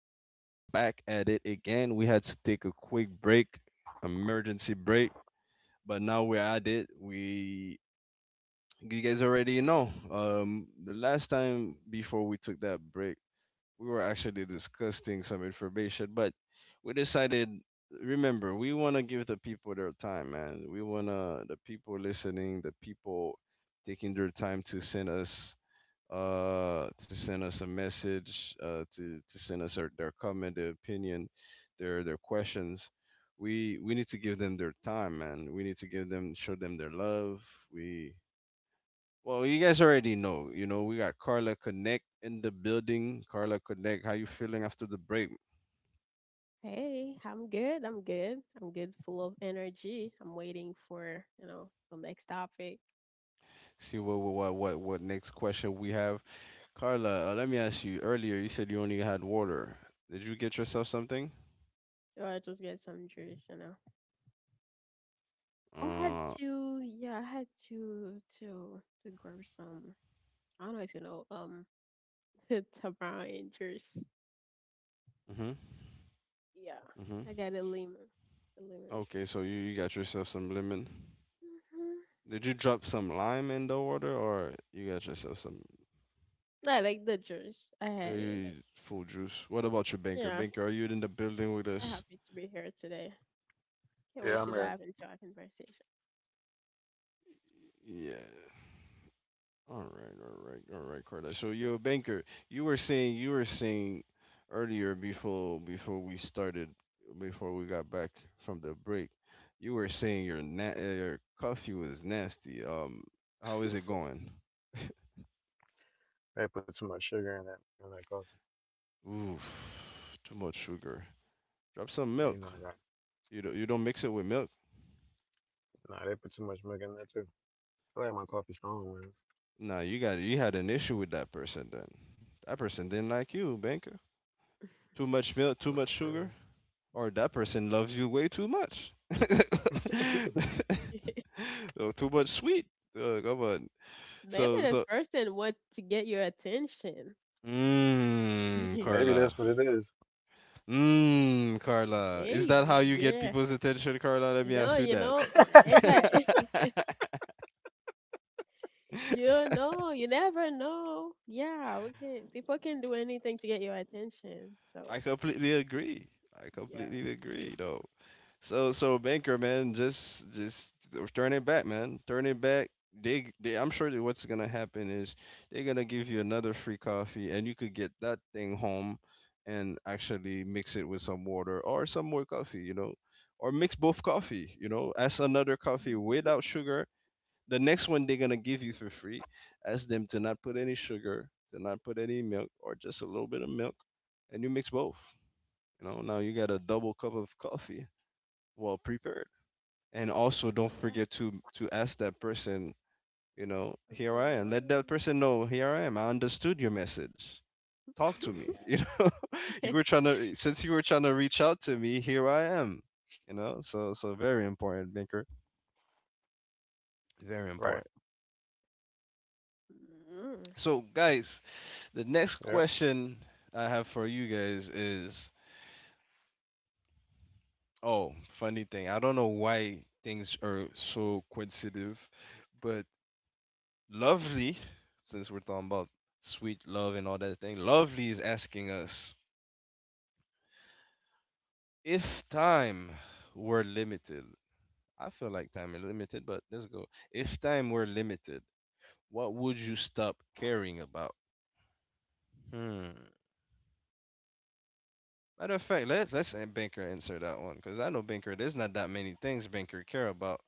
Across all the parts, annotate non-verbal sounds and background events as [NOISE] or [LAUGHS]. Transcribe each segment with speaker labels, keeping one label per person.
Speaker 1: We are back at it again. We had to take a quick break, emergency break, but now we're at it. You guys already know. The last time before we took that break, we were actually discussing some information, but we decided, remember, we want to give the people their time, man. We want to, the people listening, the people taking their time to send us a message, to send us their comment, their opinion, their questions. We need to give them their time, man. We need to give them, show them their love. We you guys already know, we got Carla Connect in the building. Carla Connect, how you feeling after the break?
Speaker 2: Hey, I'm good. I'm good. I'm good, full of energy. I'm waiting for, you know, the next topic.
Speaker 1: See what next question we have. Carla, let me ask you. Earlier, you said you only had water. Did you get yourself something?
Speaker 2: Or I just get some juice, you know. I had
Speaker 1: Uh,
Speaker 2: to, I had to grab some. I don't know if you know, [LAUGHS] tamarind juice.
Speaker 1: mhm,
Speaker 2: Yeah,
Speaker 1: mhm.
Speaker 2: I got a lemon
Speaker 1: Okay,
Speaker 2: juice.
Speaker 1: so you got yourself some lemon.
Speaker 2: hmm
Speaker 1: Did you drop some lime in the water, or you got yourself some
Speaker 2: I like the juice. I had it. Like,
Speaker 1: full juice? What about your banker?
Speaker 2: yeah,
Speaker 1: Banker, are you in the building with
Speaker 2: I'm
Speaker 1: us?
Speaker 2: happy to be here today. Can't wait
Speaker 3: Yeah,
Speaker 2: to
Speaker 3: I'm
Speaker 2: dive
Speaker 3: here.
Speaker 2: into our conversation.
Speaker 1: Yeah. All right, all right, all right, Carla. So, yo, banker, you were saying earlier before we started before we got back from the break, you were saying your coffee was nasty. How is it going? [LAUGHS]
Speaker 3: They put too much sugar in that coffee.
Speaker 1: Oof, too much sugar. Drop some
Speaker 3: You
Speaker 1: milk.
Speaker 3: know, I got
Speaker 1: You don't mix it with milk.
Speaker 3: nah. They put too much milk in that too. I feel like my coffee strong, man.
Speaker 1: Nah, you had an issue with that person then. That person didn't like you, banker. Too much milk,
Speaker 3: Yeah,
Speaker 1: too much
Speaker 3: for
Speaker 1: sugar,
Speaker 3: real.
Speaker 1: or that person loves you way too much. [LAUGHS]
Speaker 2: [LAUGHS]
Speaker 1: Oh, too much sweet. Oh, come on.
Speaker 2: Maybe
Speaker 1: So
Speaker 2: this
Speaker 1: so.
Speaker 2: person want to get your attention.
Speaker 1: Mmm,
Speaker 2: [LAUGHS]
Speaker 3: Maybe
Speaker 1: Carla.
Speaker 3: that's what it is.
Speaker 1: Mmm, Carla. Is that how
Speaker 2: Maybe,
Speaker 1: you get
Speaker 2: yeah.
Speaker 1: people's attention, Carla? Let me
Speaker 2: No,
Speaker 1: ask you
Speaker 2: you
Speaker 1: that.
Speaker 2: know, it's like [LAUGHS] you know, you never know. Yeah, we can. People can do anything to get your attention.
Speaker 1: [LAUGHS] I
Speaker 2: So
Speaker 1: completely agree. I
Speaker 2: yeah,
Speaker 1: completely agree,
Speaker 2: maybe.
Speaker 1: though. So so Banker man, just turn it back, man. Turn it back. They I'm sure that what's gonna happen is they're gonna give you another free coffee, and you could get that thing home and actually mix it with some water or some more coffee, you know, or mix both coffee, you know, as another coffee
Speaker 2: hmm
Speaker 1: without sugar. The next one they're gonna give you for free, ask them to not put any sugar, to not put any milk, or just a little bit of milk, and you mix both. You know, now you got a double cup of coffee well prepared, and also
Speaker 2: Oh
Speaker 1: don't
Speaker 2: yes,
Speaker 1: forget to ask that person, you know,
Speaker 2: what's
Speaker 1: here I
Speaker 2: going
Speaker 1: am. Let that
Speaker 2: on?
Speaker 1: person know, here I am, I understood your message. Talk to me. [LAUGHS] You
Speaker 2: Yeah.
Speaker 1: know, you were
Speaker 2: [LAUGHS]
Speaker 1: trying to, since you were trying to reach out to me, here I am, you know. So so very important maker, very
Speaker 3: Right.
Speaker 1: important.
Speaker 2: Mm.
Speaker 1: So guys, the next
Speaker 3: Yep.
Speaker 1: question I have for you guys is, oh, funny thing, I don't know why things are so coincidental, but Lovely, since we're talking about sweet love and all that thing, Lovely is asking us if time were limited. I feel like time is limited, but let's go. If time were limited, what would you stop caring about? Hmm. Matter of fact, let's let Banker answer that one because I know Banker. There's not that many things Banker care about.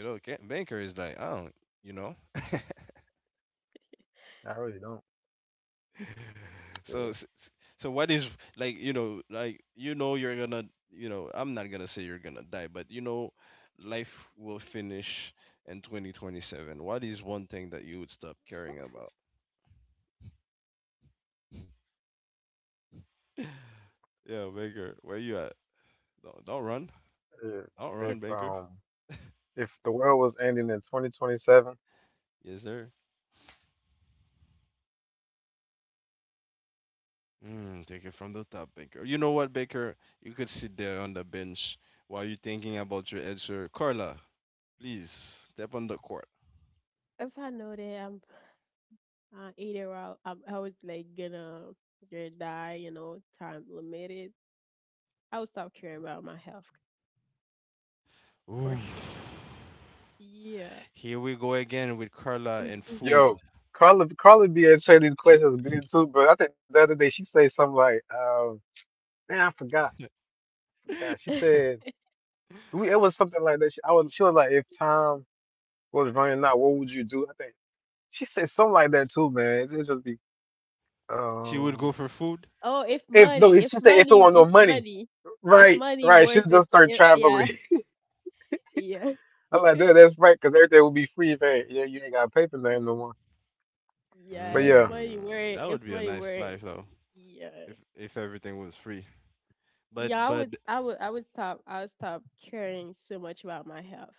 Speaker 1: You know, Banker is like I don't. You know.
Speaker 3: I really don't.
Speaker 1: [LAUGHS]
Speaker 3: Yeah,
Speaker 1: so s- s- so what is like you know you're gonna, you know, I'm not gonna say you're gonna die, but you know life will finish in 2027. What is one thing that you would stop caring about? [LAUGHS] Yeah, baker, where you at? Don't run.
Speaker 3: yeah.
Speaker 1: Don't
Speaker 3: If
Speaker 1: run, baker.
Speaker 3: um, if the world was ending in 2027.
Speaker 1: Yes, sir. Mm, take it from the top, baker. You know what, baker, you could sit there on the bench while you're thinking about your answer. Carla, please step on the court.
Speaker 2: If I know that I'm either out, I was like gonna die, you know, time limited. I would stop caring about my health for
Speaker 1: Ooh.
Speaker 2: sure. Yeah.
Speaker 1: Here we go again with Carla and food.
Speaker 2: [LAUGHS]
Speaker 3: Yo, Carla be answering these questions good too. But I think the other day she said something like, man, I forgot.
Speaker 1: [LAUGHS]
Speaker 3: She said it was something like that. I was she was like, if time was running out, what would you do? I think. She said something like that too, man. It just be
Speaker 1: She would
Speaker 3: um
Speaker 1: go for food.
Speaker 2: Oh,
Speaker 3: if no, she said if it want no money,
Speaker 2: if
Speaker 3: right,
Speaker 2: money
Speaker 3: right.
Speaker 2: was
Speaker 3: She'll
Speaker 2: it,
Speaker 3: just start
Speaker 2: if, yeah,
Speaker 3: traveling.
Speaker 2: [LAUGHS] yeah,
Speaker 3: [LAUGHS] I'm like, that's right, because everything will be free if ain't, yeah, you ain't got to pay for nothing no more.
Speaker 2: yeah.
Speaker 3: But yeah,
Speaker 1: Mm, that
Speaker 2: If
Speaker 1: would be a
Speaker 2: money
Speaker 1: nice
Speaker 2: were,
Speaker 1: life though,
Speaker 2: yeah,
Speaker 1: if everything was free. But
Speaker 2: yeah.
Speaker 1: but
Speaker 2: I would stop. I would stop caring so much about my health.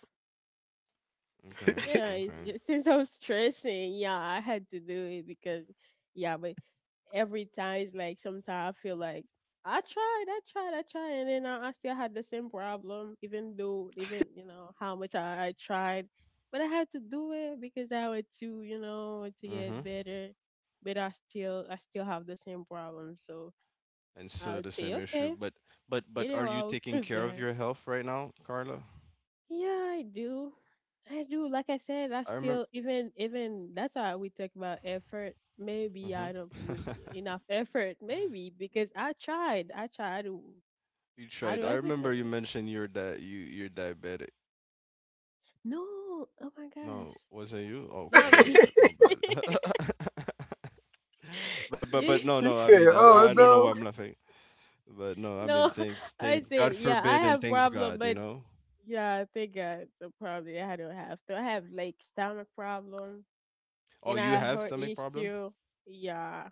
Speaker 1: okay,
Speaker 2: Yeah, it's
Speaker 1: okay.
Speaker 2: just, since I was stressing, yeah, I had to do it because, yeah, but every time it's like sometimes I feel like I tried, and then I still had the same problem, even though, even you know how much I tried, but I had to do it because I wanted to, you know, want to
Speaker 1: Mm-hmm.
Speaker 2: get better, but I still have the same problem. So
Speaker 1: And still
Speaker 2: I
Speaker 1: the
Speaker 2: would say,
Speaker 1: same issue.
Speaker 2: okay,
Speaker 1: But are
Speaker 2: either
Speaker 1: you
Speaker 2: I'll
Speaker 1: taking
Speaker 2: [LAUGHS]
Speaker 1: care of
Speaker 2: die.
Speaker 1: your health right now, Carla?
Speaker 2: Yeah, I do. I do. Like I said, I
Speaker 1: I remember.
Speaker 2: still even that's why we talk about effort. Maybe I don't
Speaker 1: Mm-hmm.
Speaker 2: put
Speaker 1: [LAUGHS]
Speaker 2: enough effort. Maybe because I tried. I tried. I do.
Speaker 1: You
Speaker 2: I
Speaker 1: tried.
Speaker 2: do
Speaker 1: I remember you
Speaker 2: everything.
Speaker 1: mentioned you 're diabetic.
Speaker 2: No. Oh my gosh.
Speaker 1: No, wasn't you? Oh, oh
Speaker 2: Not
Speaker 1: my
Speaker 2: me.
Speaker 1: bad,
Speaker 3: [LAUGHS]
Speaker 1: my
Speaker 2: [LAUGHS]
Speaker 1: bad. [LAUGHS] But
Speaker 2: Yeah.
Speaker 1: no
Speaker 3: she
Speaker 1: no. I
Speaker 3: said,
Speaker 1: mean I
Speaker 3: oh
Speaker 1: I don't know
Speaker 2: [LAUGHS]
Speaker 1: why
Speaker 3: no.
Speaker 1: I'm laughing. But no, I mean,
Speaker 2: No.
Speaker 1: thanks,
Speaker 2: I
Speaker 1: thanks,
Speaker 2: say
Speaker 1: God
Speaker 2: yeah. I
Speaker 1: forbid, and
Speaker 2: have
Speaker 1: thanks
Speaker 2: problem,
Speaker 1: God, you
Speaker 2: but
Speaker 1: know.
Speaker 2: yeah, I think it's a problem. I don't have to. I have like stomach problem
Speaker 1: Oh,
Speaker 2: and I
Speaker 1: you
Speaker 2: have
Speaker 1: have
Speaker 2: heart
Speaker 1: stomach problem,
Speaker 2: issue. Yeah,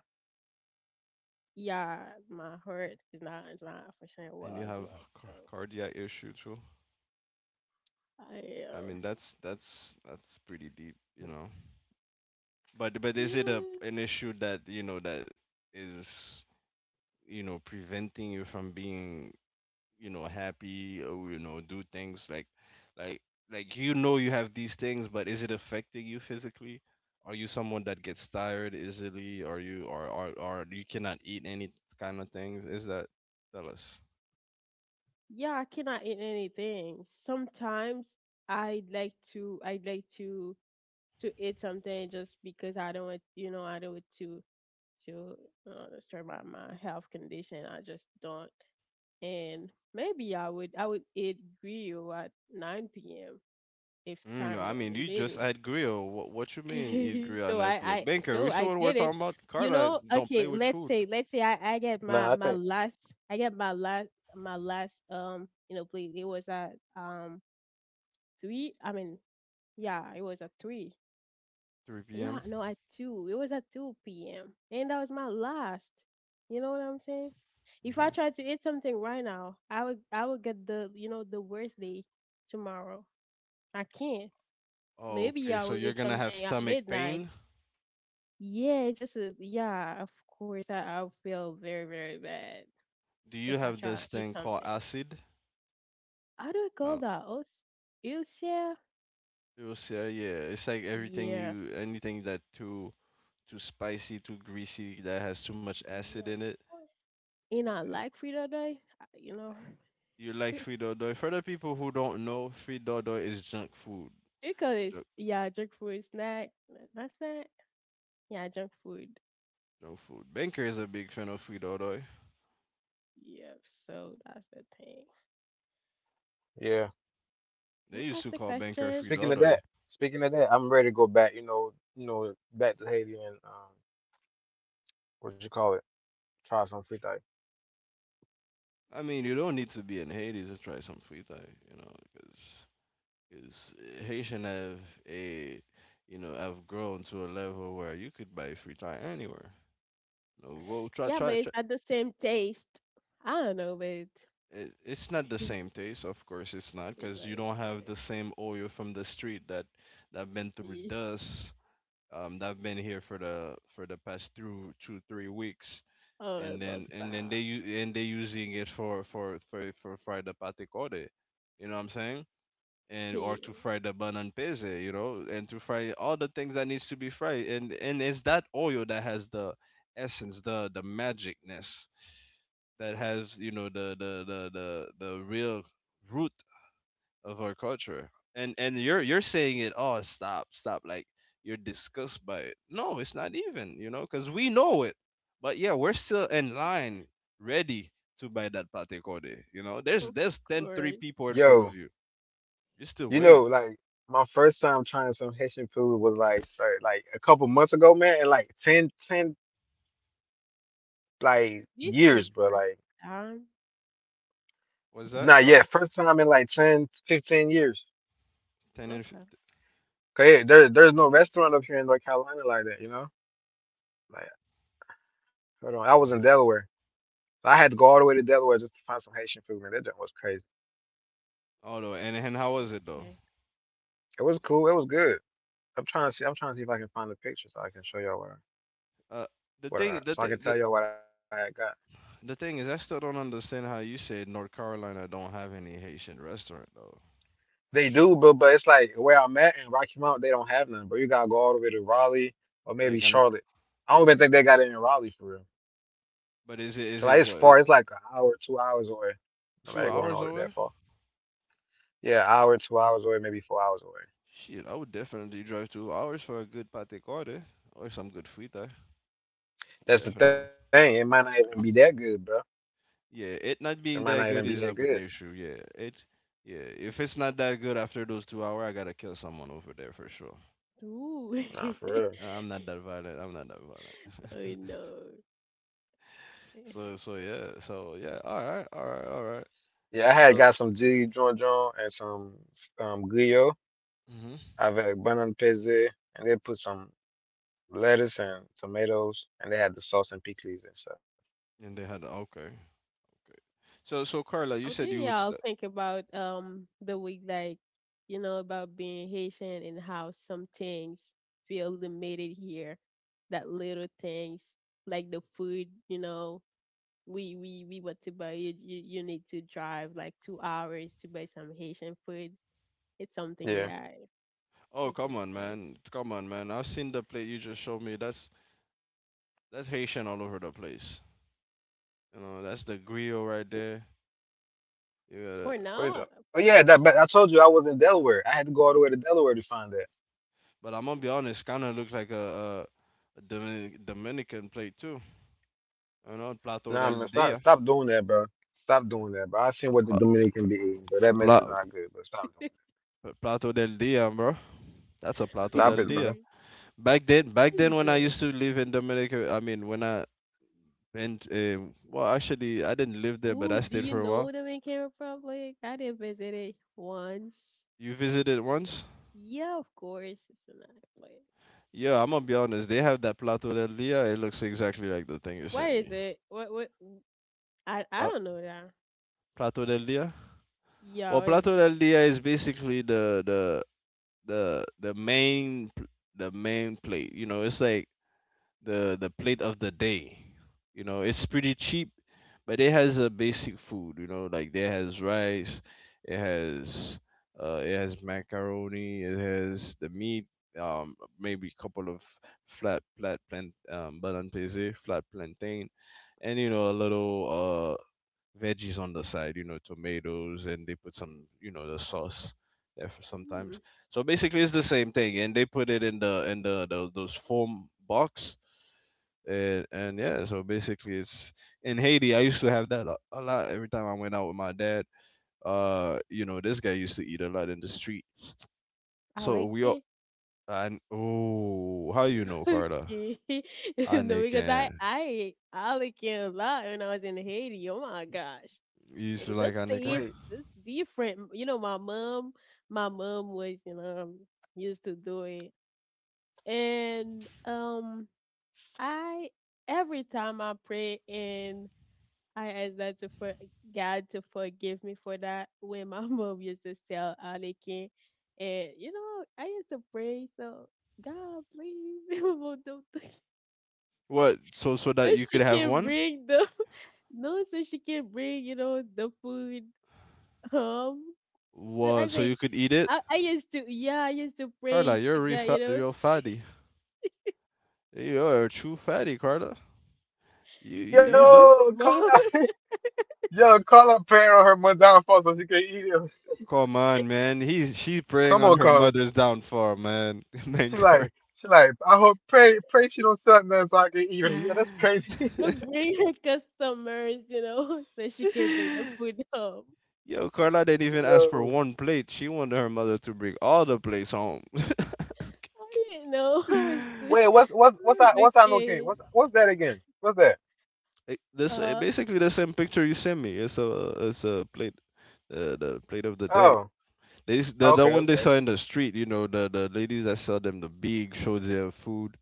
Speaker 2: yeah, my heart is not functioning
Speaker 1: and you
Speaker 2: well as
Speaker 1: have
Speaker 2: well. So
Speaker 1: cardiac issue too.
Speaker 2: I
Speaker 1: I mean, that's pretty deep, you know. But is it a
Speaker 2: yeah,
Speaker 1: an issue that, you know, that is, you know, preventing you from being, you know, happy, or, you know, do things like like like, you know, you have these things, but is it affecting you physically? Are you someone that gets tired easily? Are you, or you cannot eat any kind of things? Is that, tell us.
Speaker 2: yeah, I cannot eat anything. Sometimes I would like to eat something just because I don't want, you know, I don't want to disturb my my health condition. I just don't. And maybe I would eat grill at 9 p.m. if
Speaker 1: Mm, no,
Speaker 2: time
Speaker 1: I
Speaker 2: were
Speaker 1: mean you just
Speaker 2: limited.
Speaker 1: had grill. What you mean eat
Speaker 2: [LAUGHS]
Speaker 1: grill at
Speaker 2: Though
Speaker 1: 9 p.m.,
Speaker 2: I,
Speaker 1: banker? We
Speaker 2: though
Speaker 1: see
Speaker 2: I
Speaker 1: what we're
Speaker 2: did it,
Speaker 1: talking about.
Speaker 2: you
Speaker 1: Carla
Speaker 2: know,
Speaker 1: don't play
Speaker 2: okay,
Speaker 1: with food.
Speaker 2: let's say I get
Speaker 3: Nah, I
Speaker 2: my
Speaker 3: think
Speaker 2: my last I get my last you know, please. It was at three, I mean, yeah, it was at three.
Speaker 1: 3
Speaker 2: Yeah,
Speaker 1: p.m.,
Speaker 2: no, at two, it was at two p.m. And that was my last. You know what I'm saying? If I
Speaker 1: hmm.
Speaker 2: try to eat something right now I would get, the you know, the worst day tomorrow. I can't. Maybe
Speaker 1: Okay,
Speaker 2: I
Speaker 1: so
Speaker 2: will
Speaker 1: you're
Speaker 2: eat
Speaker 1: gonna have
Speaker 2: something at
Speaker 1: stomach
Speaker 2: midnight.
Speaker 1: pain.
Speaker 2: Yeah, just a, yeah, of course, I, I'll feel very, very bad
Speaker 1: Do you
Speaker 2: if I
Speaker 1: have
Speaker 2: try to
Speaker 1: this
Speaker 2: eat
Speaker 1: thing called
Speaker 2: something.
Speaker 1: acid?
Speaker 2: How do you call
Speaker 1: No.
Speaker 2: that? Oath? Ulcer?
Speaker 1: You'll yeah, it's like everything
Speaker 2: Yeah.
Speaker 1: you, anything that too too spicy, too greasy, that has too much acid
Speaker 2: Yeah,
Speaker 1: in
Speaker 2: of
Speaker 1: it.
Speaker 2: course. In our like food or die, you know,
Speaker 1: You like Frito Doy. For the people who don't know, Frito Doy is junk food.
Speaker 2: [LAUGHS] because it's,
Speaker 1: Junk,
Speaker 2: yeah, junk food, snack, not snack, yeah, junk food.
Speaker 1: junk food. Banker is a big fan of Frito Doy.
Speaker 2: Yeah, so that's the thing.
Speaker 3: yeah.
Speaker 1: They
Speaker 2: Who
Speaker 1: used to
Speaker 2: asked the
Speaker 1: call Banker
Speaker 2: question?
Speaker 3: Speaking
Speaker 1: Frito
Speaker 3: of
Speaker 1: Doy.
Speaker 3: that, speaking of that, I'm ready to go back. Back to Haiti and what you call it, try some free dive.
Speaker 1: I mean, you don't need to be in Haiti to try some Frito, you know, because because Haitian have a, you know, have grown to a level where you could buy Frito anywhere. No, go try
Speaker 2: Yeah, but it's
Speaker 1: try
Speaker 2: not the same taste. I don't know, but [LAUGHS] it's
Speaker 1: it. It's not the same taste, of course it's not, because
Speaker 2: not
Speaker 1: you don't
Speaker 2: the
Speaker 1: have the same oil from the street that been through
Speaker 2: same. [LAUGHS]
Speaker 1: dust, um, that been here for the past through 2 3 weeks.
Speaker 2: Oh,
Speaker 1: and
Speaker 2: don't
Speaker 1: then and then they
Speaker 2: stop.
Speaker 1: u- and they using it for fry the pate corde, you know what I'm saying, and or
Speaker 2: Yeah,
Speaker 1: to fry the banan peze, you know, and to fry all the things that needs to be fried, and it's that oil that has the essence, the magicness that has you know the the real root of our culture. And you're saying, it, oh stop, stop, like you're disgusted by it. No, it's not, even, you know, because we know it. But yeah, we're still in line ready to buy that pate code. You know,
Speaker 2: of
Speaker 1: there's 10 3
Speaker 2: course.
Speaker 1: people in front
Speaker 3: Yo.
Speaker 1: of you, you're still
Speaker 3: You know,
Speaker 1: waiting.
Speaker 3: like my first time trying some Haitian food was like for, like a couple months ago, man, and like like
Speaker 2: You
Speaker 3: years,
Speaker 2: say
Speaker 3: but
Speaker 2: first
Speaker 3: like
Speaker 2: time.
Speaker 1: What's that,
Speaker 3: not yet.
Speaker 1: carla?
Speaker 3: First time in like ten, fifteen 15 years.
Speaker 1: 10 and
Speaker 2: Okay,
Speaker 3: 'Cause yeah, there's no restaurant up here in North Carolina like that, you know? Like hold on, I was in
Speaker 1: mhm.
Speaker 3: Delaware. I had to go all the way to Delaware just to find some Haitian food, man. That junk was crazy.
Speaker 1: Oh no, and and how was it though?
Speaker 2: okay.
Speaker 3: It was cool, it was good. I'm trying to see if I can find the picture so I can show y'all
Speaker 1: uh the
Speaker 3: what
Speaker 1: thing
Speaker 3: I
Speaker 1: the,
Speaker 3: so I
Speaker 1: thing
Speaker 3: can
Speaker 1: the
Speaker 3: tell y'all what I had got.
Speaker 1: The thing is, I still don't understand how you said North Carolina don't have any Haitian restaurant though.
Speaker 3: They do, but it's like where I'm at in Rocky Mount, they don't have none. But you gotta go all the way to Raleigh or
Speaker 1: Like,
Speaker 3: maybe
Speaker 1: and
Speaker 3: Charlotte. I don't even think they got it in Raleigh for real.
Speaker 1: but
Speaker 3: 'Cause,
Speaker 1: is
Speaker 3: like
Speaker 1: it,
Speaker 3: it's far. It's
Speaker 1: what
Speaker 3: like
Speaker 1: it,
Speaker 3: an hour, 2 hours away. Nobody
Speaker 1: two
Speaker 3: going all
Speaker 1: hours
Speaker 3: that
Speaker 1: away?
Speaker 3: far. Yeah, hour, 2 hours away, maybe 4 hours away.
Speaker 1: Shit, I would definitely drive 2 hours for a good pate carde or some good frita. Definitely.
Speaker 3: That's the thing. It might not even be that good, bro.
Speaker 1: Yeah, it not
Speaker 3: It
Speaker 1: being
Speaker 3: might
Speaker 1: that
Speaker 3: not
Speaker 1: good
Speaker 3: even
Speaker 1: is
Speaker 3: be
Speaker 1: up
Speaker 3: that
Speaker 1: an
Speaker 3: good.
Speaker 1: issue. Yeah, it. Yeah, if it's not that good after those 2 hours, I gotta kill someone over there for sure.
Speaker 2: Ooh.
Speaker 3: Nah, for
Speaker 2: [LAUGHS]
Speaker 3: real.
Speaker 1: Nah, I'm not that violent. I'm not that violent.
Speaker 2: I know.
Speaker 1: [LAUGHS] So
Speaker 2: [LAUGHS]
Speaker 1: yeah. So yeah. All right. All right. All right.
Speaker 3: Yeah, I had
Speaker 1: So.
Speaker 3: got some G John John and some Guyo.
Speaker 1: Hmm.
Speaker 3: I've had banana peze, and they put some lettuce and tomatoes, and they had the sauce and pickles and stuff.
Speaker 1: And they had okay. Great. So, so Carla, you
Speaker 2: How do
Speaker 1: said you would.
Speaker 2: y'all
Speaker 1: St-
Speaker 2: think about the way, like, you know, about being Haitian and how some things feel limited here? That little things like the food, you know, we want to buy you you need to drive like 2 hours to buy some Haitian food. It's something that
Speaker 3: Yeah.
Speaker 2: I
Speaker 1: oh,
Speaker 2: makes
Speaker 1: come
Speaker 2: you
Speaker 1: on,
Speaker 2: think.
Speaker 1: man! Come on, man! I've seen the plate you just showed me. That's Haitian all over the place. You know, that's the griot right there. You
Speaker 2: For
Speaker 1: gotta,
Speaker 3: Wait
Speaker 2: now,
Speaker 3: up. Oh yeah, but I told you I was in Delaware. I had to go all the way to Delaware to find that.
Speaker 1: but I'm gonna be honest, kind of looks like a Dominican plate too. You know, Plato
Speaker 3: Nah, man,
Speaker 1: del
Speaker 3: stop
Speaker 1: Dia.
Speaker 3: stop doing that, bro. Stop doing that, bro. I seen what the
Speaker 1: Uh,
Speaker 3: Dominican be eating, but that mess is
Speaker 1: Pla-
Speaker 3: not good, but stop doing
Speaker 2: [LAUGHS]
Speaker 1: Plato del Dia, bro. That's a
Speaker 3: it.
Speaker 1: Plato
Speaker 2: it's
Speaker 3: Stop
Speaker 1: del
Speaker 3: it, bro.
Speaker 1: Dia.
Speaker 2: good.
Speaker 1: Back
Speaker 2: It's
Speaker 1: then when I
Speaker 2: good.
Speaker 1: used to live in Dominica, I mean, when I went, well, actually, I didn't live there, but
Speaker 2: Ooh,
Speaker 1: I
Speaker 2: do
Speaker 1: stayed
Speaker 2: you
Speaker 1: for a
Speaker 2: know
Speaker 1: while.
Speaker 2: the Dominican Republic? I did visit it once.
Speaker 1: You visited
Speaker 2: It's a,
Speaker 1: once?
Speaker 2: yeah, of course, it's a nice place.
Speaker 1: Yeah, I'm gonna be honest. They have that Plato del Dia. It looks exactly like the thing you
Speaker 2: Where
Speaker 1: sent
Speaker 2: is
Speaker 1: me.
Speaker 2: it? What? What? I
Speaker 1: Pla-
Speaker 2: don't know that.
Speaker 1: Plato del Dia.
Speaker 2: Yeah,
Speaker 1: Well,
Speaker 2: where is
Speaker 1: Plato
Speaker 2: it?
Speaker 1: del Dia is basically the main the main plate. You know, it's like the plate of the day. You know, it's pretty cheap, but it has a basic food. You know, like it has rice, it has it has macaroni, it has the meat, maybe a couple of flat flat plant plantain, flat plantain, and you know a little, uh, veggies on the side. You know, tomatoes, and they put some, you know, the sauce. There for sometimes,
Speaker 2: Hmm.
Speaker 1: so basically, it's the same thing, and they put it in the those foam box, and yeah, so basically, it's in haiti I used to have that a lot every time I went out with my dad, this guy used to eat a lot in the street. So we all...
Speaker 2: Alekin.
Speaker 1: And, oh, how,
Speaker 2: [LAUGHS]
Speaker 1: Carter
Speaker 2: Okay. [LAUGHS] No, because
Speaker 1: anikin
Speaker 2: I ate Alekin a lot when I was in Haiti. Oh my gosh.
Speaker 1: you used
Speaker 2: Eh,
Speaker 1: to like
Speaker 2: that's
Speaker 1: anikin
Speaker 2: taste.
Speaker 3: Wait.
Speaker 2: Is different. You know, my mom was, you know, used to do it, and I every time I pray and I ask that to for God to forgive me for that. When my [LAUGHS] mom used to sell Anakin, and you know, I used to pray, so God, please, [LAUGHS] don't,
Speaker 1: what, so that
Speaker 2: so
Speaker 1: you could
Speaker 2: she
Speaker 1: have
Speaker 2: can
Speaker 1: one?
Speaker 2: bring the [LAUGHS] no, so she can bring, you know, the food home. So
Speaker 1: What,
Speaker 2: I
Speaker 1: so
Speaker 2: say,
Speaker 1: you could eat it?
Speaker 2: I used to, yeah, I used to
Speaker 1: Carla,
Speaker 2: pray
Speaker 1: you're
Speaker 2: to God, you know,
Speaker 1: you're
Speaker 2: [LAUGHS]
Speaker 1: a fatty. You're a true fatty, Carla. you you you lo-
Speaker 2: Noah,
Speaker 3: Yo, call
Speaker 2: mom,
Speaker 3: out [LAUGHS]
Speaker 2: [LAUGHS]
Speaker 3: Yo, call her parent on her mother downfall so she can eat him.
Speaker 1: Come on, man. He's she's preying
Speaker 3: Come
Speaker 1: on
Speaker 3: on,
Speaker 1: her
Speaker 3: Carla.
Speaker 1: mother's downfall, man. [LAUGHS]
Speaker 3: She
Speaker 1: Thank.
Speaker 3: like she like, I hope pray she don't suck nothing so I can eat him. Yeah, that's
Speaker 1: [LAUGHS]
Speaker 3: crazy.
Speaker 2: don't bring her customers, you know, [LAUGHS] so she can bring the food home.
Speaker 1: Yo, Carla didn't
Speaker 3: [LAUGHS]
Speaker 1: even ask for
Speaker 3: Yo.
Speaker 1: one plate. She wanted her mother to bring all the plates home.
Speaker 2: I didn't know [LAUGHS] I
Speaker 3: Wait,
Speaker 1: [LAUGHS]
Speaker 3: what's what's what's
Speaker 2: was
Speaker 3: that
Speaker 2: a
Speaker 3: what's that okay?
Speaker 2: kid.
Speaker 3: What's that again? What's that?
Speaker 1: Like, this,
Speaker 2: Uh,
Speaker 1: basically the same picture you sent me. It's a plate, the plate of the day.
Speaker 3: Oh.
Speaker 1: The
Speaker 3: Okay,
Speaker 1: one they
Speaker 3: okay.
Speaker 1: sell in the street. You know the ladies that sell them the big shoyu food.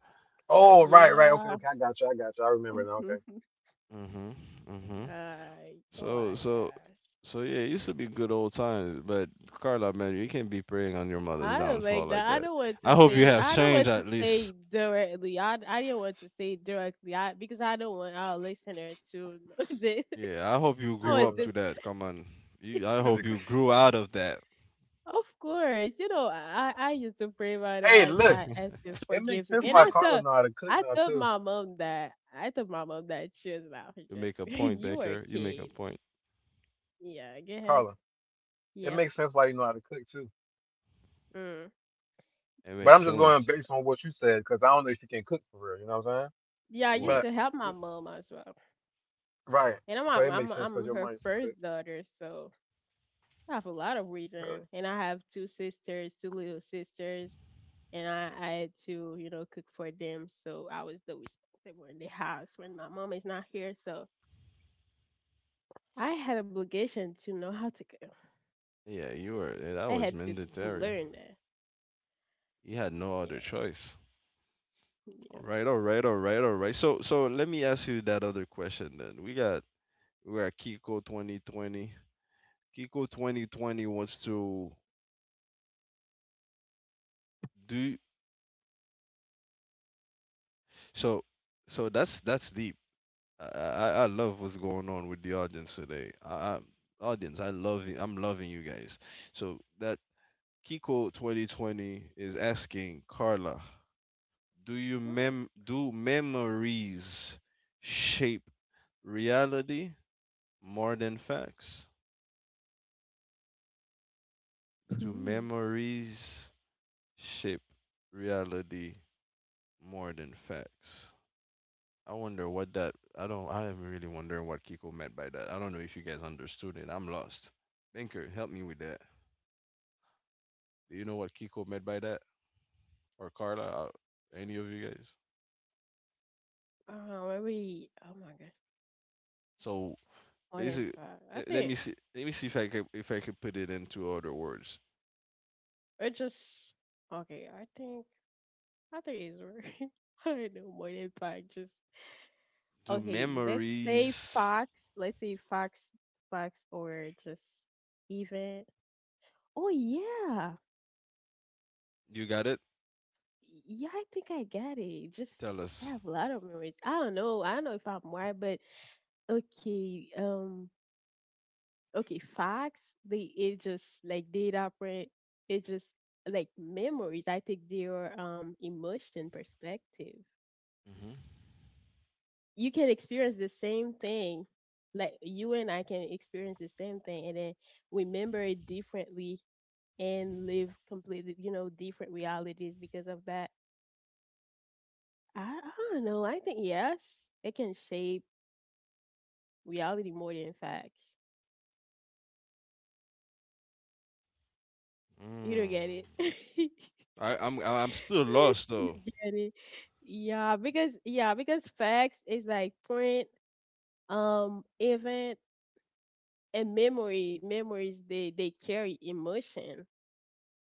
Speaker 3: Oh, right, right. Okay,
Speaker 2: yeah.
Speaker 3: okay. I got you. I got you. I remember now. Okay.
Speaker 2: [LAUGHS]
Speaker 1: Mhm. Mhm.
Speaker 2: Ay, oh
Speaker 1: So
Speaker 2: my
Speaker 1: so
Speaker 2: gosh.
Speaker 1: so yeah, it used to be good old times. But Carla, man, you can't be preying on your mother's
Speaker 2: I don't
Speaker 1: downfall
Speaker 2: like
Speaker 1: like
Speaker 2: that. I
Speaker 1: that.
Speaker 2: don't want to
Speaker 1: I hope you
Speaker 2: say.
Speaker 1: have
Speaker 2: I don't
Speaker 1: change
Speaker 2: want to
Speaker 1: at least.
Speaker 2: say directly. I didn't want to say directly. I, because I don't want our listener to know [LAUGHS] that
Speaker 1: Yeah, I hope
Speaker 3: Speaking
Speaker 1: you
Speaker 2: I
Speaker 3: of
Speaker 1: grew
Speaker 2: was
Speaker 1: up
Speaker 2: this.
Speaker 1: to that. Come on. You, I
Speaker 3: something.
Speaker 1: hope
Speaker 3: [LAUGHS]
Speaker 1: you grew out of that.
Speaker 2: Of course, you know, I used to pray about it.
Speaker 3: Hey, look.
Speaker 2: I
Speaker 1: [LAUGHS]
Speaker 2: asked him
Speaker 3: It makes
Speaker 2: forgive
Speaker 3: sense
Speaker 2: me, and
Speaker 3: why
Speaker 2: I
Speaker 3: Carla know
Speaker 2: thought
Speaker 3: how to cook
Speaker 2: I
Speaker 3: now
Speaker 2: told
Speaker 3: too.
Speaker 2: my mom that I told my mom that she was laughing.
Speaker 1: You
Speaker 2: Just
Speaker 1: make a
Speaker 2: [LAUGHS]
Speaker 1: point,
Speaker 2: you were a
Speaker 1: Baker. You make a
Speaker 2: kid,
Speaker 1: point.
Speaker 2: yeah, go
Speaker 3: Carla,
Speaker 2: ahead.
Speaker 3: it makes
Speaker 2: Yep.
Speaker 3: sense why you know how to cook too.
Speaker 2: Mm.
Speaker 1: It
Speaker 3: But
Speaker 1: makes
Speaker 3: I'm just going
Speaker 1: sense.
Speaker 3: based on what you said because I don't know if you can cook for real. You know what I'm saying?
Speaker 2: Yeah, I used
Speaker 1: What?
Speaker 3: But
Speaker 2: to help my mom as well,
Speaker 3: right, so it
Speaker 2: and
Speaker 3: makes sense because your mom used
Speaker 2: I'm
Speaker 3: to
Speaker 2: her
Speaker 3: cook.
Speaker 2: first daughter, so I have a lot of
Speaker 3: Really?
Speaker 2: reason, and I have two sisters, two little sisters, and I had to, you know, cook for them, so I was the responsible in the house when my mom is not here, so. I had obligation to know how to cook.
Speaker 1: Yeah, you were. Yeah, that
Speaker 2: I
Speaker 1: was
Speaker 2: had to
Speaker 1: mandatory.
Speaker 2: learn that.
Speaker 1: You had no other
Speaker 2: Yeah,
Speaker 1: choice.
Speaker 2: yeah.
Speaker 1: All right, all right, all right, all right. So, let me ask you that other question then. We got Kiko 2020. Kiko 2020 wants to do, so. So that's deep. I love what's going on with the audience today. Audience, I love you. I'm loving you guys. So that Kiko 2020 is asking Carla, do memories shape reality more than facts?
Speaker 2: Hmm.
Speaker 1: Do
Speaker 2: Ooh.
Speaker 1: memories shape reality more than facts? I wonder what that. I don't. I'm really wondering what Kiko meant by that. I don't know if you guys understood it. I'm lost. Banker, help me with that. Do you know what Kiko meant by that, or Carla, any of you guys?
Speaker 2: Maybe. Oh my gosh,
Speaker 1: So
Speaker 2: more than
Speaker 1: basically,
Speaker 2: five. I
Speaker 1: let me
Speaker 2: think
Speaker 1: see. Let me see if I can put it into other words.
Speaker 2: it just okay. I think it's working. [LAUGHS] I don't know more than five. Just
Speaker 1: Do
Speaker 2: okay. Let's say
Speaker 1: memories?
Speaker 2: fox. Let's say fox, fox, or just even. Oh yeah,
Speaker 1: You got it.
Speaker 2: yeah. I think I got it. Just
Speaker 1: Tell
Speaker 2: I
Speaker 1: us.
Speaker 2: have a lot of memories. I don't know. I don't know if I'm right, but okay, okay, facts, they it just like data print, it's just like memories. I take their emotion perspective.
Speaker 1: Mm-hmm.
Speaker 2: You can experience the same thing. Like you and I can experience the same thing and then remember it differently and live completely, you know, different realities because of that. I don't know. I think yes, it can shape reality more than facts. You don't
Speaker 1: Mm.
Speaker 2: get it. [LAUGHS]
Speaker 1: I'm still lost
Speaker 2: I
Speaker 1: though.
Speaker 2: get it. Yeah, because facts is like print, event and memory. Memories, they carry emotion,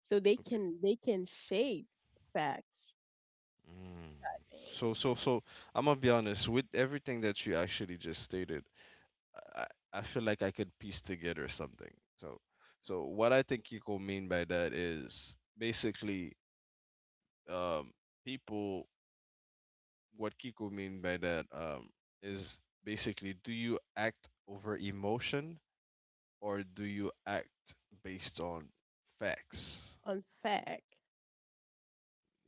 Speaker 2: so
Speaker 1: Okay.
Speaker 2: they can shape facts.
Speaker 1: Mm.
Speaker 2: I think
Speaker 1: So I'm gonna be honest with everything that you actually just stated. I I feel like I could piece together something. So so what I think Kiko mean by that is basically, um, people, what Kiko mean by that, is basically, do you act over emotion, or do you act based on facts?
Speaker 2: on fact.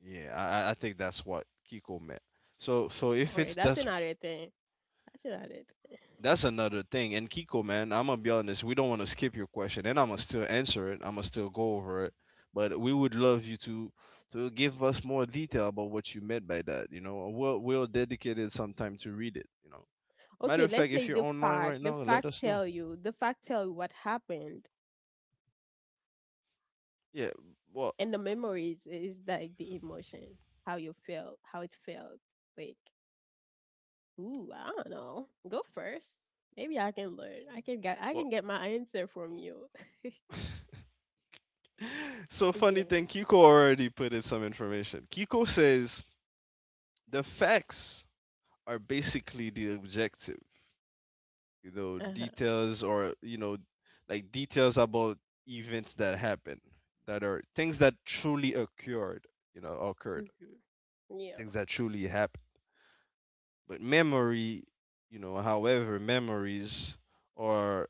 Speaker 1: Yeah, I think that's what Kiko meant. So, if
Speaker 2: Okay,
Speaker 1: it's,
Speaker 2: that's
Speaker 1: that's
Speaker 2: another thing. That's another thing.
Speaker 1: that's another thing. And Kiko, man, I'm gonna be honest, we don't want to skip your question, and I'm gonna still answer it. I'm gonna still go over it. But we would love you to give us more detail about what you meant by that. You know, we'll dedicate it some time to read it. You know. Matter
Speaker 2: Okay,
Speaker 1: of
Speaker 2: let's
Speaker 1: fact, if
Speaker 2: say
Speaker 1: you're
Speaker 2: the
Speaker 1: online right
Speaker 2: fact. The
Speaker 1: now, let
Speaker 2: fact
Speaker 1: us know.
Speaker 2: tell you. The fact tell you what happened,
Speaker 1: Yeah, well,
Speaker 2: and the memories is like the emotion, how you felt, how it felt. Like ooh, I don't know. Go first. Maybe I can learn. I
Speaker 1: well.
Speaker 2: can get my answer from you. [LAUGHS]
Speaker 1: [LAUGHS] So, funny
Speaker 2: Yeah.
Speaker 1: thing, Kiko already put in some information. Kiko says the facts are basically the objective, you know,
Speaker 2: Uh-huh.
Speaker 1: details, or, you know, like details about events that happen, that are things that truly occurred. You know, occurred,
Speaker 2: Mm-hmm. Yeah.
Speaker 1: things that truly happened. But memory, you know, however, memories are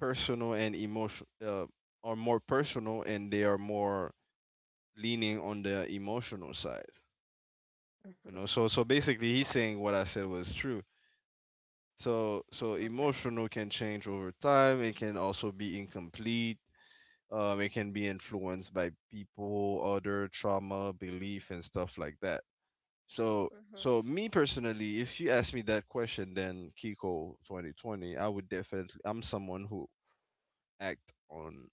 Speaker 1: personal and emotion, are more personal, and they are more leaning on the emotional side. You
Speaker 2: Mm-hmm.
Speaker 1: know, so basically he's saying what I said was true. So
Speaker 2: Okay.
Speaker 1: emotional can change over time. It can also be incomplete. It can be influenced by people, other trauma, belief, and stuff like that. so
Speaker 2: Mm-hmm.
Speaker 1: so me personally, if you ask me that question, then Kiko 2020, I would definitely, I'm someone who act on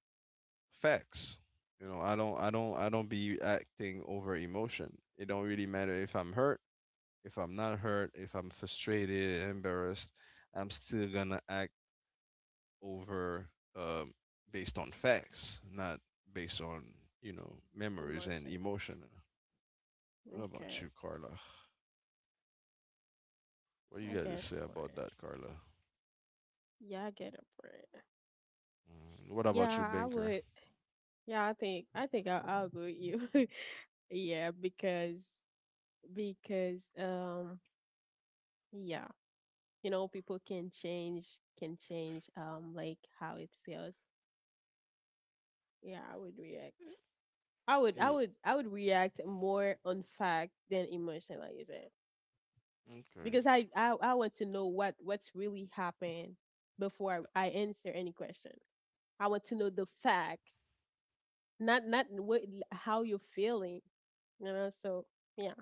Speaker 1: facts. You know, I don't be acting over emotion. It don't really matter if I'm hurt, if I'm not hurt, if I'm frustrated, embarrassed, I'm still gonna act over, um based on facts, not based on, you know, memories and
Speaker 2: Emotion.
Speaker 1: emotion. What
Speaker 2: Okay.
Speaker 1: about you, Carla? What you
Speaker 2: I
Speaker 1: got to
Speaker 2: get it,
Speaker 1: say about
Speaker 2: friend.
Speaker 1: that, Carla?
Speaker 2: Yeah, I get it, friend.
Speaker 1: Mm, what about you,
Speaker 2: Yeah, I
Speaker 1: Banker?
Speaker 2: would. Yeah, I think I'll go with you. [LAUGHS] Yeah, because yeah, you know, people can change, can change like how it feels. Yeah, I would react.
Speaker 1: Yeah,
Speaker 2: I would react more on fact than emotion, like you said.
Speaker 1: okay.
Speaker 2: Because I want to know what, what's really happened before I answer any question. I want to know the facts, not what how you're feeling. You know, so yeah,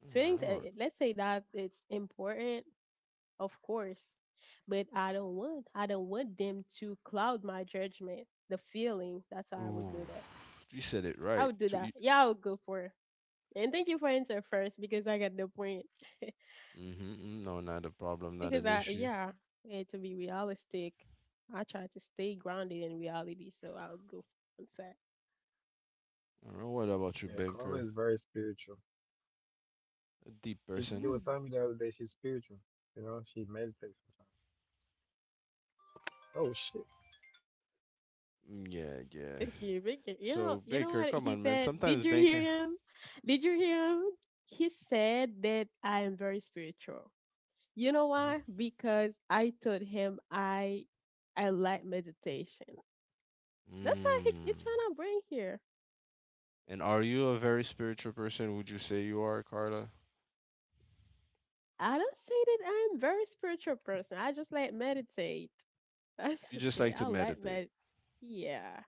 Speaker 1: All
Speaker 2: feelings.
Speaker 1: right,
Speaker 2: Let's say that it's important, of course, but I don't want them to cloud my judgment. The feeling. That's
Speaker 1: all
Speaker 2: how I would
Speaker 1: right. Ooh,
Speaker 2: do that.
Speaker 1: you said it
Speaker 2: I
Speaker 1: right.
Speaker 2: would do that.
Speaker 1: To.
Speaker 2: Yeah, I would go for. And thank you for answer first because I got the point. [LAUGHS]
Speaker 1: Mm-hmm. Mm-hmm. No, not a problem, not
Speaker 2: Because
Speaker 1: an
Speaker 2: I
Speaker 1: issue.
Speaker 2: yeah, eh, to be realistic, I try to stay grounded in reality, so I'll go f- on that.
Speaker 1: All right, what about you,
Speaker 3: Yeah,
Speaker 1: Banker?
Speaker 3: Carla is very spiritual.
Speaker 1: A deep
Speaker 3: She
Speaker 1: person.
Speaker 3: she
Speaker 2: Mm.
Speaker 3: was telling me the other day she's spiritual. You know, she meditates. Sometimes. Oh shit.
Speaker 1: Mm, yeah, yeah.
Speaker 2: Thank you.
Speaker 1: So,
Speaker 2: You know
Speaker 1: Banker,
Speaker 2: what
Speaker 1: come
Speaker 2: he
Speaker 1: on, man.
Speaker 2: said?
Speaker 1: Sometimes
Speaker 2: Did you hear
Speaker 1: Banker.
Speaker 2: him? Did you hear him? He said that I am very spiritual. You know
Speaker 1: Mhm.
Speaker 2: why? Because I told him I like meditation. That's how
Speaker 1: Mm.
Speaker 2: he trying to bring here.
Speaker 1: And are you a very spiritual person? Would you say you are, Carla?
Speaker 2: I don't say that I'm very spiritual person. I just like meditate. [LAUGHS] That's
Speaker 1: You
Speaker 2: the
Speaker 1: just
Speaker 2: thing.
Speaker 1: like to
Speaker 2: I like
Speaker 1: meditate.
Speaker 2: that. Yeah.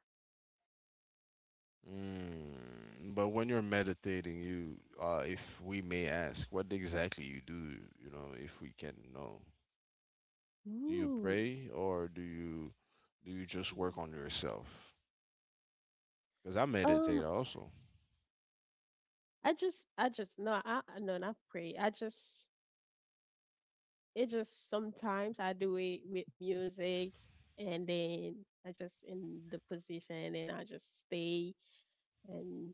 Speaker 1: Mm. But when you're meditating, you, if we may ask, what exactly you do, you know, if we can know. Do you
Speaker 2: Ooh.
Speaker 1: pray, or do you just work on yourself? Because I
Speaker 2: Um,
Speaker 1: meditate also.
Speaker 2: I just, no, I, no, not pray. I just, it just sometimes I do it with music and then I just in the position and I just stay and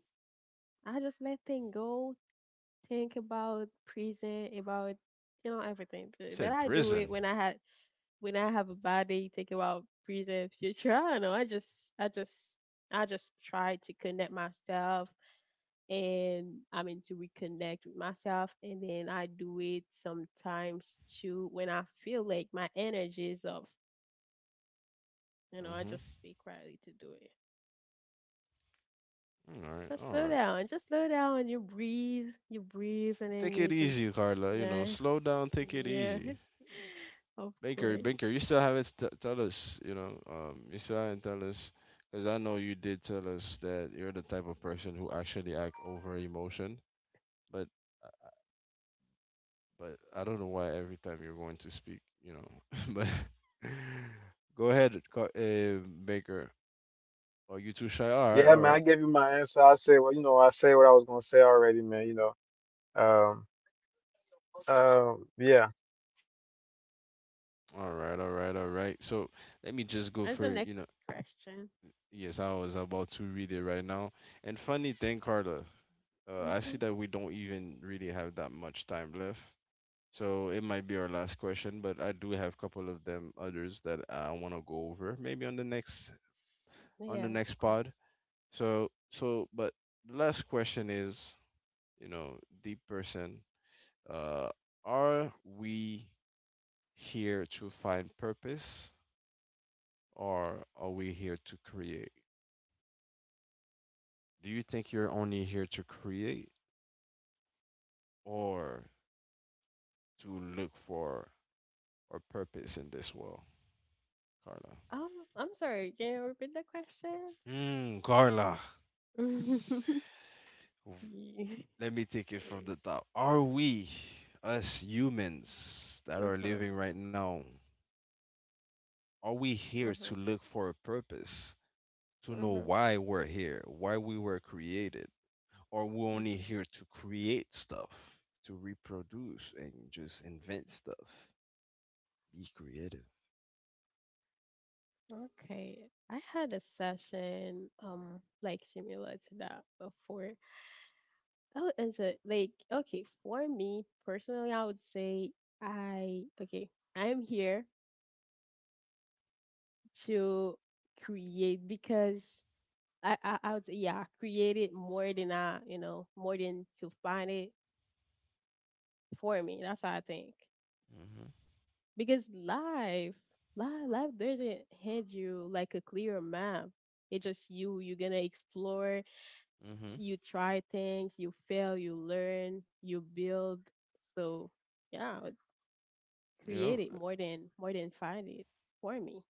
Speaker 2: I just let things go, think about present, about, you know, everything.
Speaker 1: You
Speaker 2: But
Speaker 1: said
Speaker 2: I do it
Speaker 1: prison.
Speaker 2: when I had, when I have a bad day, think about present, future. I don't know. I just, I just try to connect myself, and I mean to reconnect with myself, and then I do it sometimes too when I feel like my energy is off. You know, I
Speaker 1: Mm-hmm.
Speaker 2: just stay quietly to do it.
Speaker 1: All right, all right.
Speaker 2: Just slow down, and you breathe, and then
Speaker 1: Take
Speaker 2: you
Speaker 1: it
Speaker 2: just,
Speaker 1: easy, Carla.
Speaker 2: you
Speaker 1: You know,
Speaker 2: know,
Speaker 1: slow down. Take it
Speaker 2: yeah,
Speaker 1: easy.
Speaker 2: [LAUGHS] of
Speaker 1: Banker,
Speaker 2: course.
Speaker 1: Banker, you still haven't tell us. You know, you still haven't tell us, because I know you did tell us that you're the type of person who actually act over emotion. But, uh, but I don't know why every time you're going to speak. You know, [LAUGHS] but [LAUGHS] go ahead, Baker. Are you too shy? All right,
Speaker 3: Yeah,
Speaker 1: all
Speaker 3: man. I
Speaker 1: right,
Speaker 3: gave you my answer. I said, well, I said what I was gonna say already, man. You know. Um. Yeah.
Speaker 1: all right, all right, all right. So let me just go,
Speaker 2: That's the
Speaker 1: for
Speaker 2: next
Speaker 1: you know.
Speaker 2: question.
Speaker 1: Yes, I was about to read it right now. And funny thing, Carla, I see
Speaker 2: hmm
Speaker 1: that we don't even really have that much time left. So it might be our last question, but I do have a couple of them others that I want to go over, maybe on the next on the
Speaker 2: Yeah, of
Speaker 1: next
Speaker 2: course.
Speaker 1: pod. So so, but the last question is, you know, deep person, uh, are we here to find purpose, or are we here to create? Do you think you're only here to create? Or to look for, or purpose in this world, Carla?
Speaker 2: Um, I'm sorry. Can you repeat the question?
Speaker 1: Hmm, Carla,
Speaker 2: [LAUGHS]
Speaker 1: w-
Speaker 2: Ye-
Speaker 1: let me take it from
Speaker 2: Please.
Speaker 1: the top. Are we, us humans that are
Speaker 2: Mhm,
Speaker 1: living right now, are we here to
Speaker 2: mhm,
Speaker 1: look for a purpose, to know
Speaker 2: mhm,
Speaker 1: why we're here, why we were created, or we're only
Speaker 2: mhm.
Speaker 1: here to create stuff, to reproduce and just invent stuff, be creative?
Speaker 2: Okay, I had a session like similar to that before. Oh, and so like okay, for me personally, I would say I okay, I'm here to create because I would say yeah, I create it more than I, you know, more than to find it for me. That's what I think. Because life, life doesn't hand you like a clear map. It's just you. You're gonna explore.
Speaker 1: Mm-hmm. Mm-hmm.
Speaker 2: You try things. You fail. You learn. You build. So yeah,
Speaker 1: Yeah.
Speaker 2: create it more than find it for me.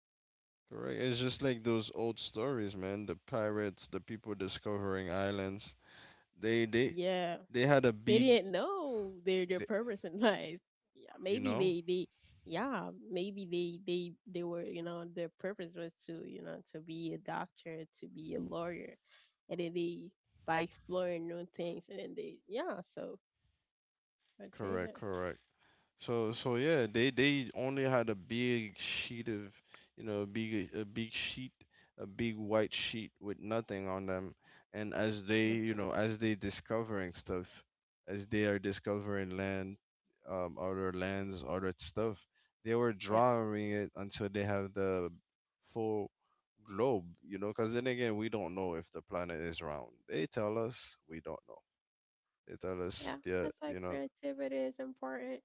Speaker 1: Correct. It's just like those old stories, man. The pirates, the people discovering islands. They they
Speaker 2: Yeah.
Speaker 1: they had a
Speaker 2: They
Speaker 1: big,
Speaker 2: didn't know their
Speaker 1: they,
Speaker 2: purpose in [LAUGHS] life. Yeah,
Speaker 1: you
Speaker 2: maybe
Speaker 1: know.
Speaker 2: they yeah, maybe they were, you know, their purpose was to, you know, to be a doctor, to be a lawyer, and then they by exploring new things and then they yeah so I'd say
Speaker 1: Correct.
Speaker 2: that
Speaker 1: Correct. So yeah, they only had a big sheet of, you know, big, a big sheet, a big white sheet with nothing on them. And as they,
Speaker 2: uh
Speaker 1: you know, as they discovering stuff, as they are discovering land, other lands, other stuff, they were
Speaker 2: yeah
Speaker 1: drawing it until they have the full globe, you know, because then again, we don't know if the planet is round. They tell us we don't know. They tell us
Speaker 2: yeah
Speaker 1: the,
Speaker 2: that's why
Speaker 1: you know,
Speaker 2: creativity is important.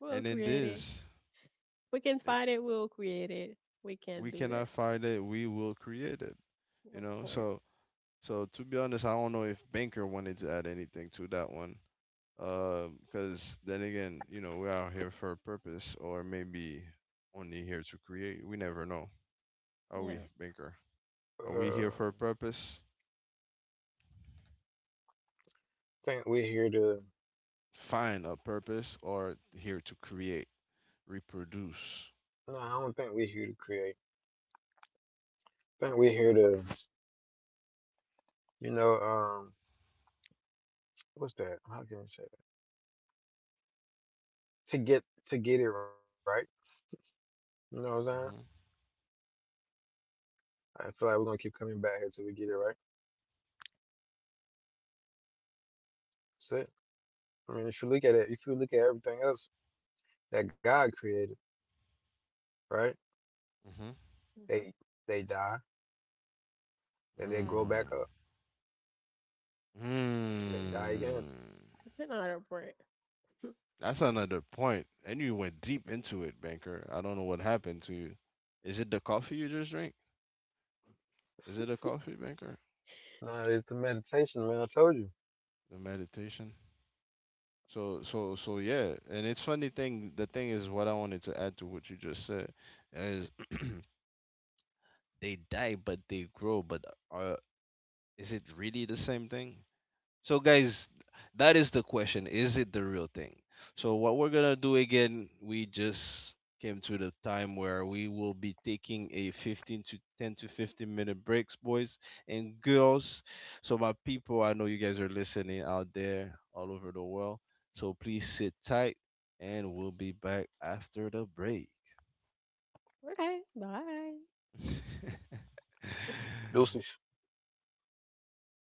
Speaker 2: We'll
Speaker 1: and in
Speaker 2: create it.
Speaker 1: this.
Speaker 2: We can
Speaker 1: It,
Speaker 2: find it. We'll create it. We can
Speaker 1: we
Speaker 2: do
Speaker 1: cannot
Speaker 2: that.
Speaker 1: find it, we will create it, you
Speaker 2: Of
Speaker 1: know.
Speaker 2: course.
Speaker 1: So so to be honest, I don't know if Banker wanted to add anything to that one. Because then again, you know, we're out here for a purpose, or maybe only here to create, we never know. Are we,
Speaker 2: Yeah.
Speaker 1: Banker? Are we here
Speaker 3: Uh,
Speaker 1: for a purpose?
Speaker 3: think we're here to.
Speaker 1: Find a purpose, or here to create, reproduce?
Speaker 3: No, I don't think we're here to create. I think we're here to, you know, um, what's that? How can I say that? To get it right. You know what I'm saying?
Speaker 1: Mm-hmm.
Speaker 3: I feel like we're gonna keep coming back here till we get it right. That's it. I mean, if you look at it, if you look at everything else that God created, right?
Speaker 1: Mm-hmm.
Speaker 2: hmm
Speaker 3: They they die and they grow back up
Speaker 1: Mm.
Speaker 3: and they die again.
Speaker 1: Mm.
Speaker 2: That's another point.
Speaker 1: That's another point. And you went deep into it, Banker. I don't know what happened to you. Is it the coffee you just drank? Is it the coffee, Banker?
Speaker 3: No, it's the meditation, man. I told you.
Speaker 1: The meditation? So yeah. And it's funny thing, the thing is what I wanted to add to what you just said is [CLEARS THROAT] they die, but they grow, but are, is it really the same thing? So, guys, that is the question. Is it the real thing? So, what we're going to do again, we just came to the time where we will be taking a 15 to 10 to 15 minute breaks, boys and girls. So, my people, I know you guys are listening out there all over the world. So, please sit tight, and we'll be back after the break.
Speaker 2: Okay. Bye.
Speaker 1: [LAUGHS]
Speaker 3: Deuces.